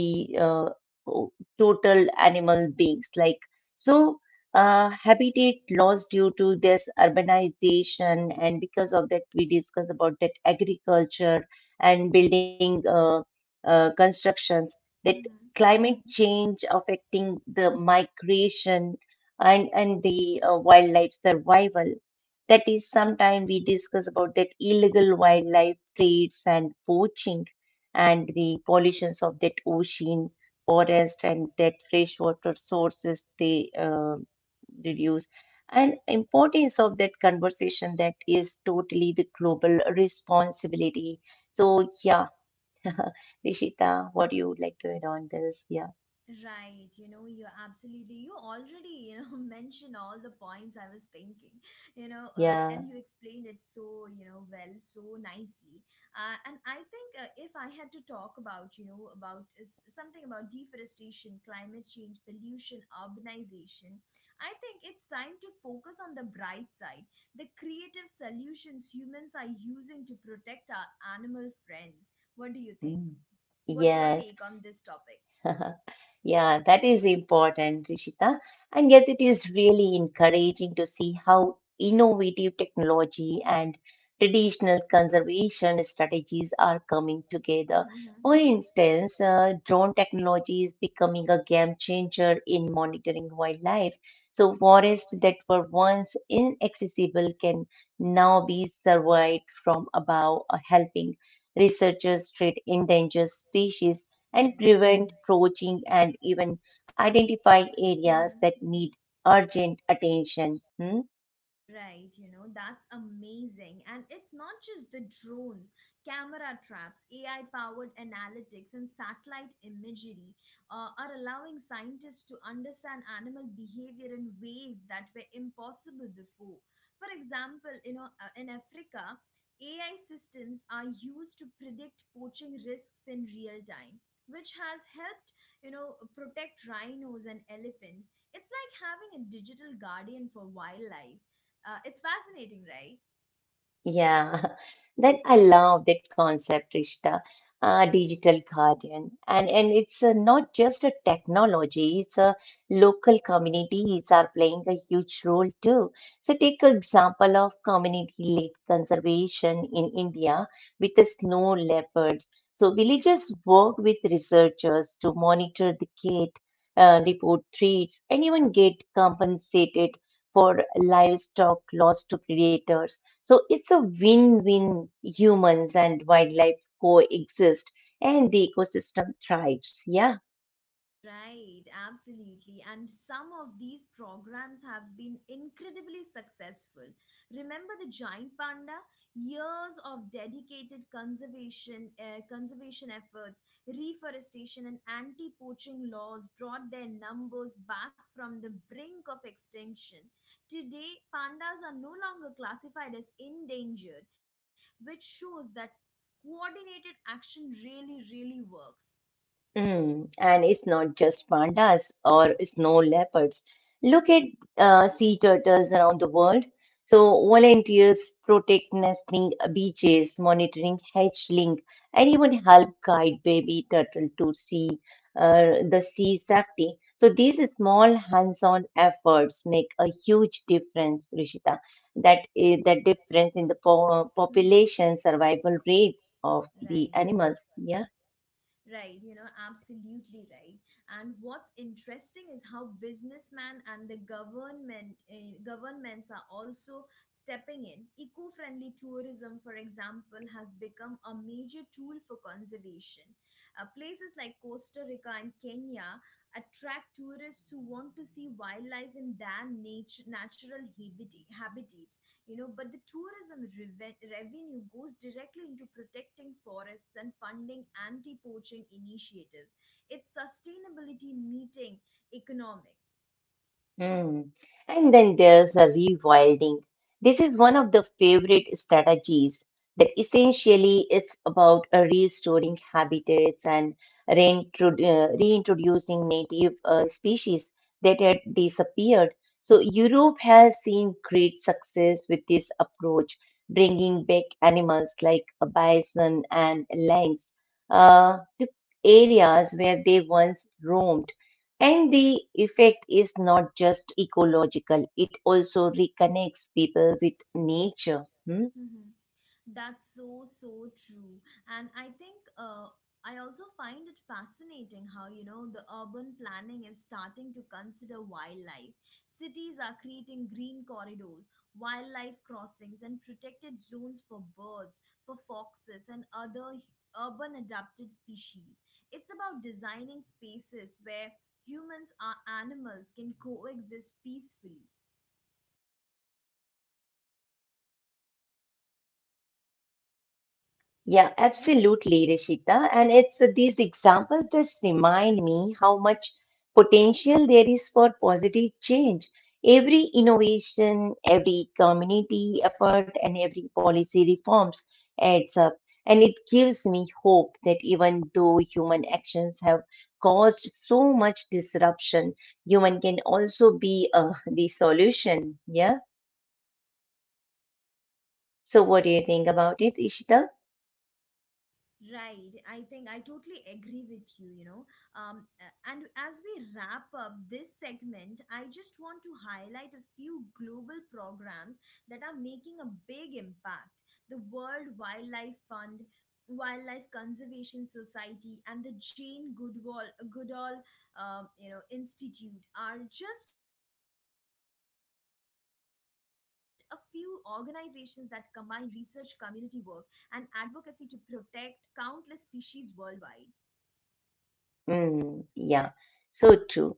the uh, total animal beings. Like so, habitat loss due to this urbanization, and because of that, we discuss about that agriculture and building constructions. That Mm. climate change affecting the migration and the wildlife survival. That is, sometime we discuss about that illegal wildlife trades and poaching, and the pollutions of that ocean, forest, and that freshwater sources they reduce, and importance of that conversation that is totally the global responsibility. So yeah, Rishita, what do you would like to add on this? Yeah, Right, you know, you absolutely, you already, you know, mentioned all the points I was thinking, you know, yeah, and you explained it so, you know, well, so nicely. And I think if I had to talk about, you know, about something about deforestation, climate change, pollution, urbanization, I think it's time to focus on the bright side, the creative solutions humans are using to protect our animal friends. What do you think? mm, What's your yes. take on this topic? Yeah, that is important, Rishita. And yet, it is really encouraging to see how innovative technology and traditional conservation strategies are coming together. For instance, drone technology is becoming a game changer in monitoring wildlife. So, forests that were once inaccessible can now be surveyed from above, helping researchers treat endangered species and prevent poaching and even identify areas that Right. need urgent attention. Hmm? Right, you know, that's amazing. And it's not just the drones, camera traps, AI powered analytics, and satellite imagery are allowing scientists to understand animal behavior in ways that were impossible before. For example, you know, in Africa, AI systems are used to predict poaching risks in real time, which has helped, you know, protect rhinos and elephants. It's like having a digital guardian for wildlife. It's fascinating, right? Yeah, that I love that concept, Rishta, digital guardian. And it's not just a technology, it's a local communities are playing a huge role too. So take an example of community led conservation in India with the snow leopards. So villagers work with researchers to monitor the gait, report threats, and even get compensated or livestock lost to predators. So it's a win-win. Humans and wildlife coexist and the ecosystem thrives. Yeah. Right, absolutely. And some of these programs have been incredibly successful. Remember the giant panda? Years of dedicated conservation efforts, reforestation, and anti-poaching laws brought their numbers back from the brink of extinction. Today, pandas are no longer classified as endangered, which shows that coordinated action really, really works. Mm. And it's not just pandas or snow leopards. Look at sea turtles around the world. So volunteers protect nesting beaches, monitoring hatchling, and even help guide baby turtle to sea or the sea safety. So these small hands-on efforts make a huge difference, Rishita. That That is, is that that is difference in the rich in the co- Mhm. population combination survival rates of survivability. the Right, animals. Yeah. right, you know, absolutely right. And what's interesting is how businessmen and the governments are also stepping in. Eco-friendly tourism, for example, has become a major tool for conservation. Places like Costa Rica and Kenya attract tourists who want to see wildlife in their natural habitats, you know, but the revenue goes directly into protecting forests and funding anti-poaching initiatives. It's sustainability meeting economics. Mm. And then there's a rewilding. This is one of the favorite strategies that essentially it's about restoring habitats and reintroducing native species that had disappeared. So Europe has seen great success with this approach, bringing back animals like a bison and lynx to areas where they once roamed. And the effect is not just ecological, it also reconnects people with nature. Hmm. That's so, so true. And I think I also find it fascinating how, you know, the urban planning is starting to consider wildlife. Cities are creating green corridors, wildlife crossings, and protected zones for birds, for foxes, and urban adapted species. It's about designing spaces where humans are animals can coexist peacefully. Yeah, absolutely, Rishita. And it's these examples that remind me how much potential there is for positive change. Every innovation, every community effort, and every policy reforms adds up. And it gives me hope that even though human actions have caused so much disruption, human can also be the solution. Yeah. So, what do you think about it, Ishita? Right, I think I totally agree with you, you know. And as we wrap up this segment, I just want to highlight a few global programs that are making a big impact. The World Wildlife Fund, Wildlife Conservation Society, and the Goodall, you know, Institute are just a few organizations that combine research, community work, and advocacy to protect countless species worldwide. Mm, yeah, so true.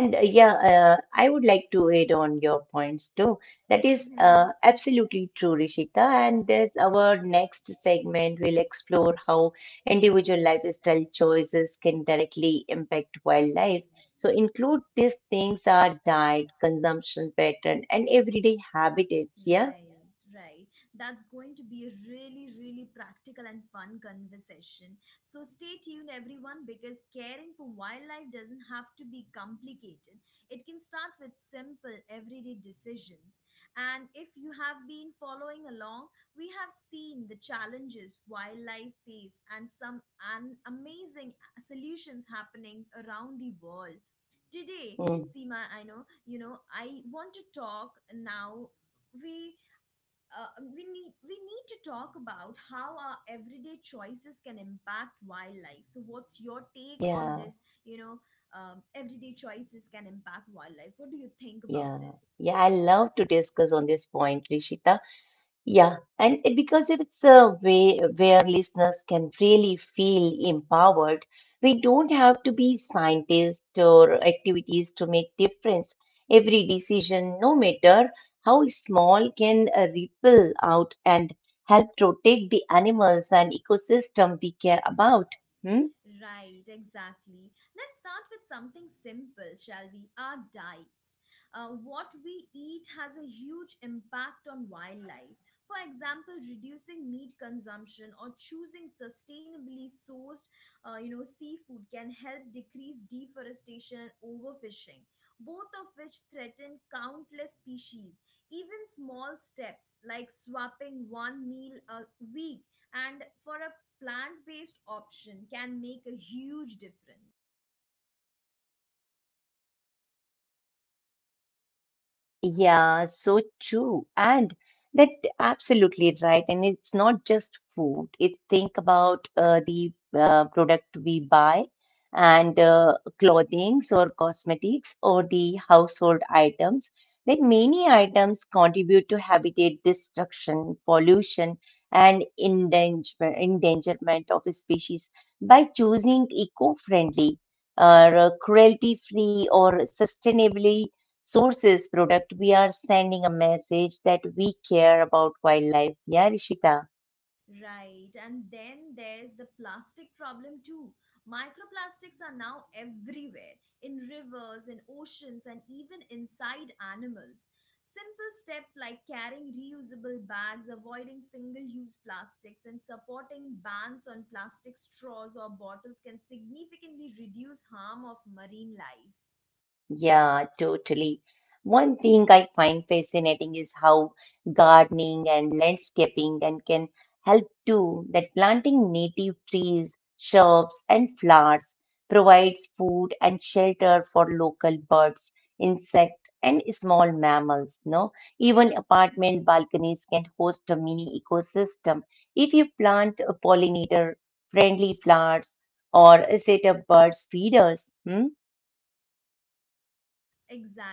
And I would like to add on your points too. That That is, is Mm-hmm. Absolutely true, absolutely Rishita. true, And there's our Ishita. And then our next next segment. We'll segment will explore explore how how individual individual lifestyle lifestyle choices choices can can directly affect directly impact wildlife. wildlife. So, the So truth is, include these things things are are diet, dying, consumption consumption pattern, and pattern, and everyday everything habit habitats. is here. Yeah. Right, right. That's going to be a really, really practical and fun conversation. So stay tuned, everyone, because caring for wildlife doesn't have to be complicated. It can start with simple, everyday decisions. And if you have been following along, we have seen the challenges wildlife face and some an amazing solutions happening around the world. Today, Mm. Seema, I know, you know, I want to talk now. We we need to talk about how our everyday choices can impact wildlife. So, what's your take on this? Yeah. You know, everyday choices can impact wildlife. What do you think about Yeah. this? Yeah, I love to discuss on this point, Rishita. Yeah, and it, because it's a way where listeners can really feel empowered, we don't have to be scientists or activities to make difference. Every decision, no matter how small, can ripple out and help protect the animals and ecosystem we care about. Hmm? Right, exactly. Let's start with something simple, shall we? Our diets. What we eat has a huge impact on wildlife. For example, reducing meat consumption or choosing sustainably sourced, you know, seafood can help decrease deforestation and overfishing, both of which threaten countless species. Even small steps like swapping one meal a week and for a plant based option can make a huge difference. Yeah, so true. And that absolutely right. And it's not just food. It's think about the product we buy and clothings or cosmetics or the household items. That many items contribute to habitat destruction, pollution, and endangerment of species by choosing eco-friendly or cruelty-free or sustainably sources product we are sending a message that we care about wildlife, yeah, Rishita. Right, and then there's the plastic problem too. Microplastics are now everywhere, in rivers, in oceans, and even inside animals. Simple steps like carrying reusable bags, avoiding single use plastics, and supporting bans on plastic straws or bottles can significantly reduce harm of marine life. Yeah, totally. One thing I find fascinating is how gardening and landscaping and can help too, that planting native trees, shrubs and flowers provides food and shelter for local birds, insect and small mammals, no? Even apartment balconies can host a mini ecosystem. If you plant a pollinator friendly flowers or set up birds feeders, hmm?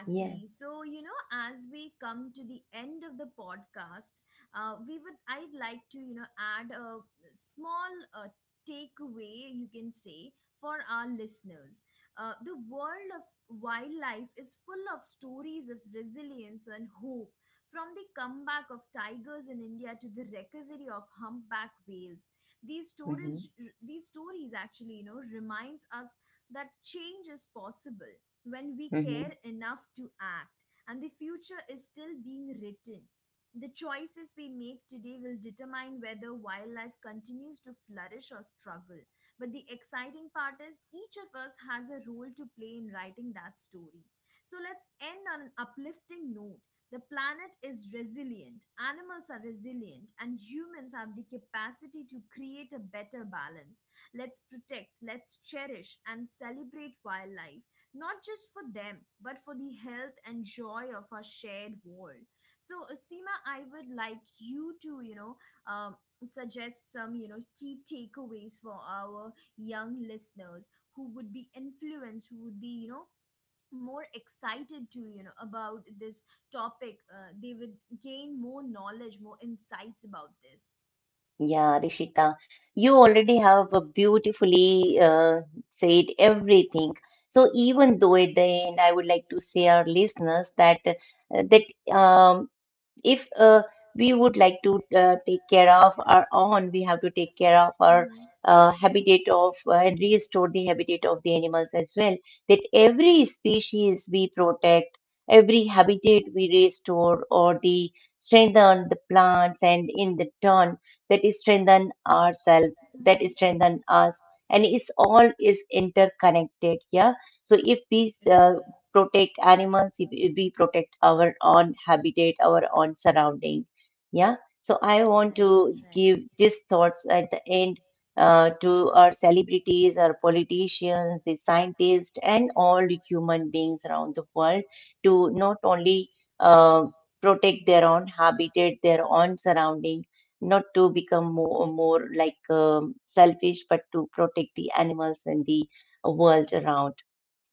Yeah. So, you know, as we come to the end of the podcast, we would, I'd like to, you know, add a small takeaway, you can say, for our listeners. The world of wildlife is full of stories of resilience and hope, from the comeback of tigers in India to the recovery of humpback whales. These Mm-hmm. stories, these stories actually, you know, reminds us that change is possible when we Hmm. care enough to act, and the future is still being written. The choices we make today will determine whether wildlife continues to flourish or struggle. But the exciting part is each of us has a role to play in writing that story. So let's end on an uplifting note. The planet is resilient, animals are resilient, and humans have the capacity to create a better balance. Let's protect, let's cherish, and celebrate wildlife not just for them, but for the health and joy of our shared world. So, Seema, I would like you to, you know, um, suggest some, you know, key takeaways for our young listeners who would be influenced, who would be, you know, more excited to, you know, about this topic. They would gain more knowledge, more insights about this. Yeah, Rishita, you already have a beautifully uh, said everything. So even though at the end, I would like to say our listeners that that um, if we would like to take care of our own, we have to take care of our Mhm. habitat of and restore the habitat of the animals as well. That every species we protect, every habitat we restore, or the strengthen the plants, and in the turn that is strengthen ourselves, that Mhm. is strengthen us, and it's all is interconnected. Yeah. So if we Right. protect animals, if we protect our own habitat, our own surrounding. Yeah. So I want to give these thoughts at the end to our celebrities, our politicians, the scientists, and all human beings around the world to not only uh, protect their own habitat, their own surrounding, not to become more like selfish, but to protect the animals and the world around.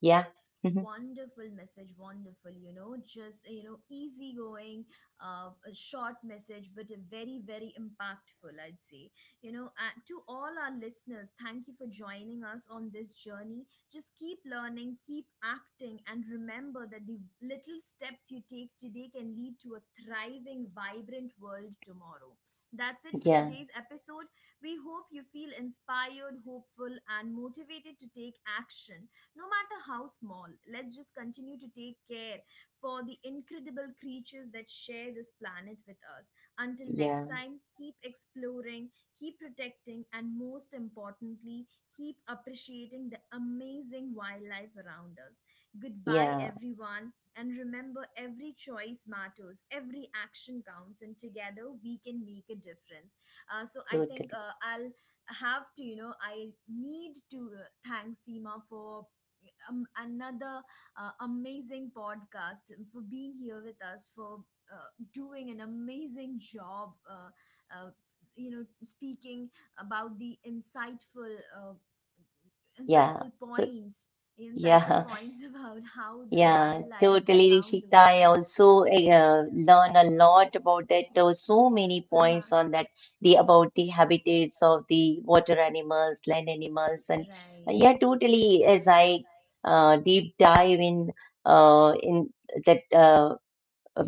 Yeah. Wonderful message, wonderful, you know, just, you know, easygoing, a short message, but a very, very impactful, I'd say. You know, to all our listeners, thank you for joining us on this journey. Just keep learning, keep acting, and remember that the little steps you take today can lead to a thriving, vibrant world tomorrow. That's it for Yeah. today's episode. We hope you feel inspired, hopeful, and motivated to take action, no matter how small. Let's just continue to take care for the incredible creatures that share this planet with us. Until next Yeah, time, keep exploring, keep protecting, and most importantly, keep appreciating the amazing wildlife around us. Goodbye, yeah, everyone, and remember, every choice matters, every action counts, and together we can make a difference. So I think totally. I'll have to, you know, I need to thank Seema for another amazing podcast, for being here with us, for doing an amazing job, uh, you know, speaking about the insightful uh, Yeah. insightful So points insightful yeah, points about how the yeah, wildlife totally, around the Rishita. I world. also learn a lot about that. There were so many Haha. points on that, the about the habitats of the water animals, land animals, and Right. yeah, totally. As I deep dive in that.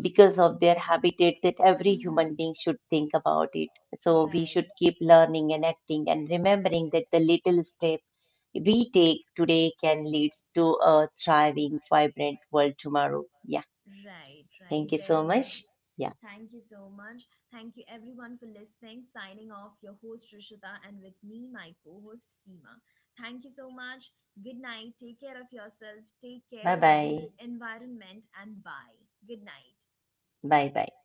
Because of their habitat that every human being should think about it, so we should Right, keep learning and acting and remembering that the little step we take today can lead to a thriving vibrant world tomorrow. Yeah, right, right. thank you so Very much. right. Yeah. Thank you so much. Thank you everyone for listening. Signing off, your host Rishita, and with me, my co host Seema. Thank you so much. Good night. Take care of yourself. Take Bye care of the bye. environment and bye. Good night. Bye bye.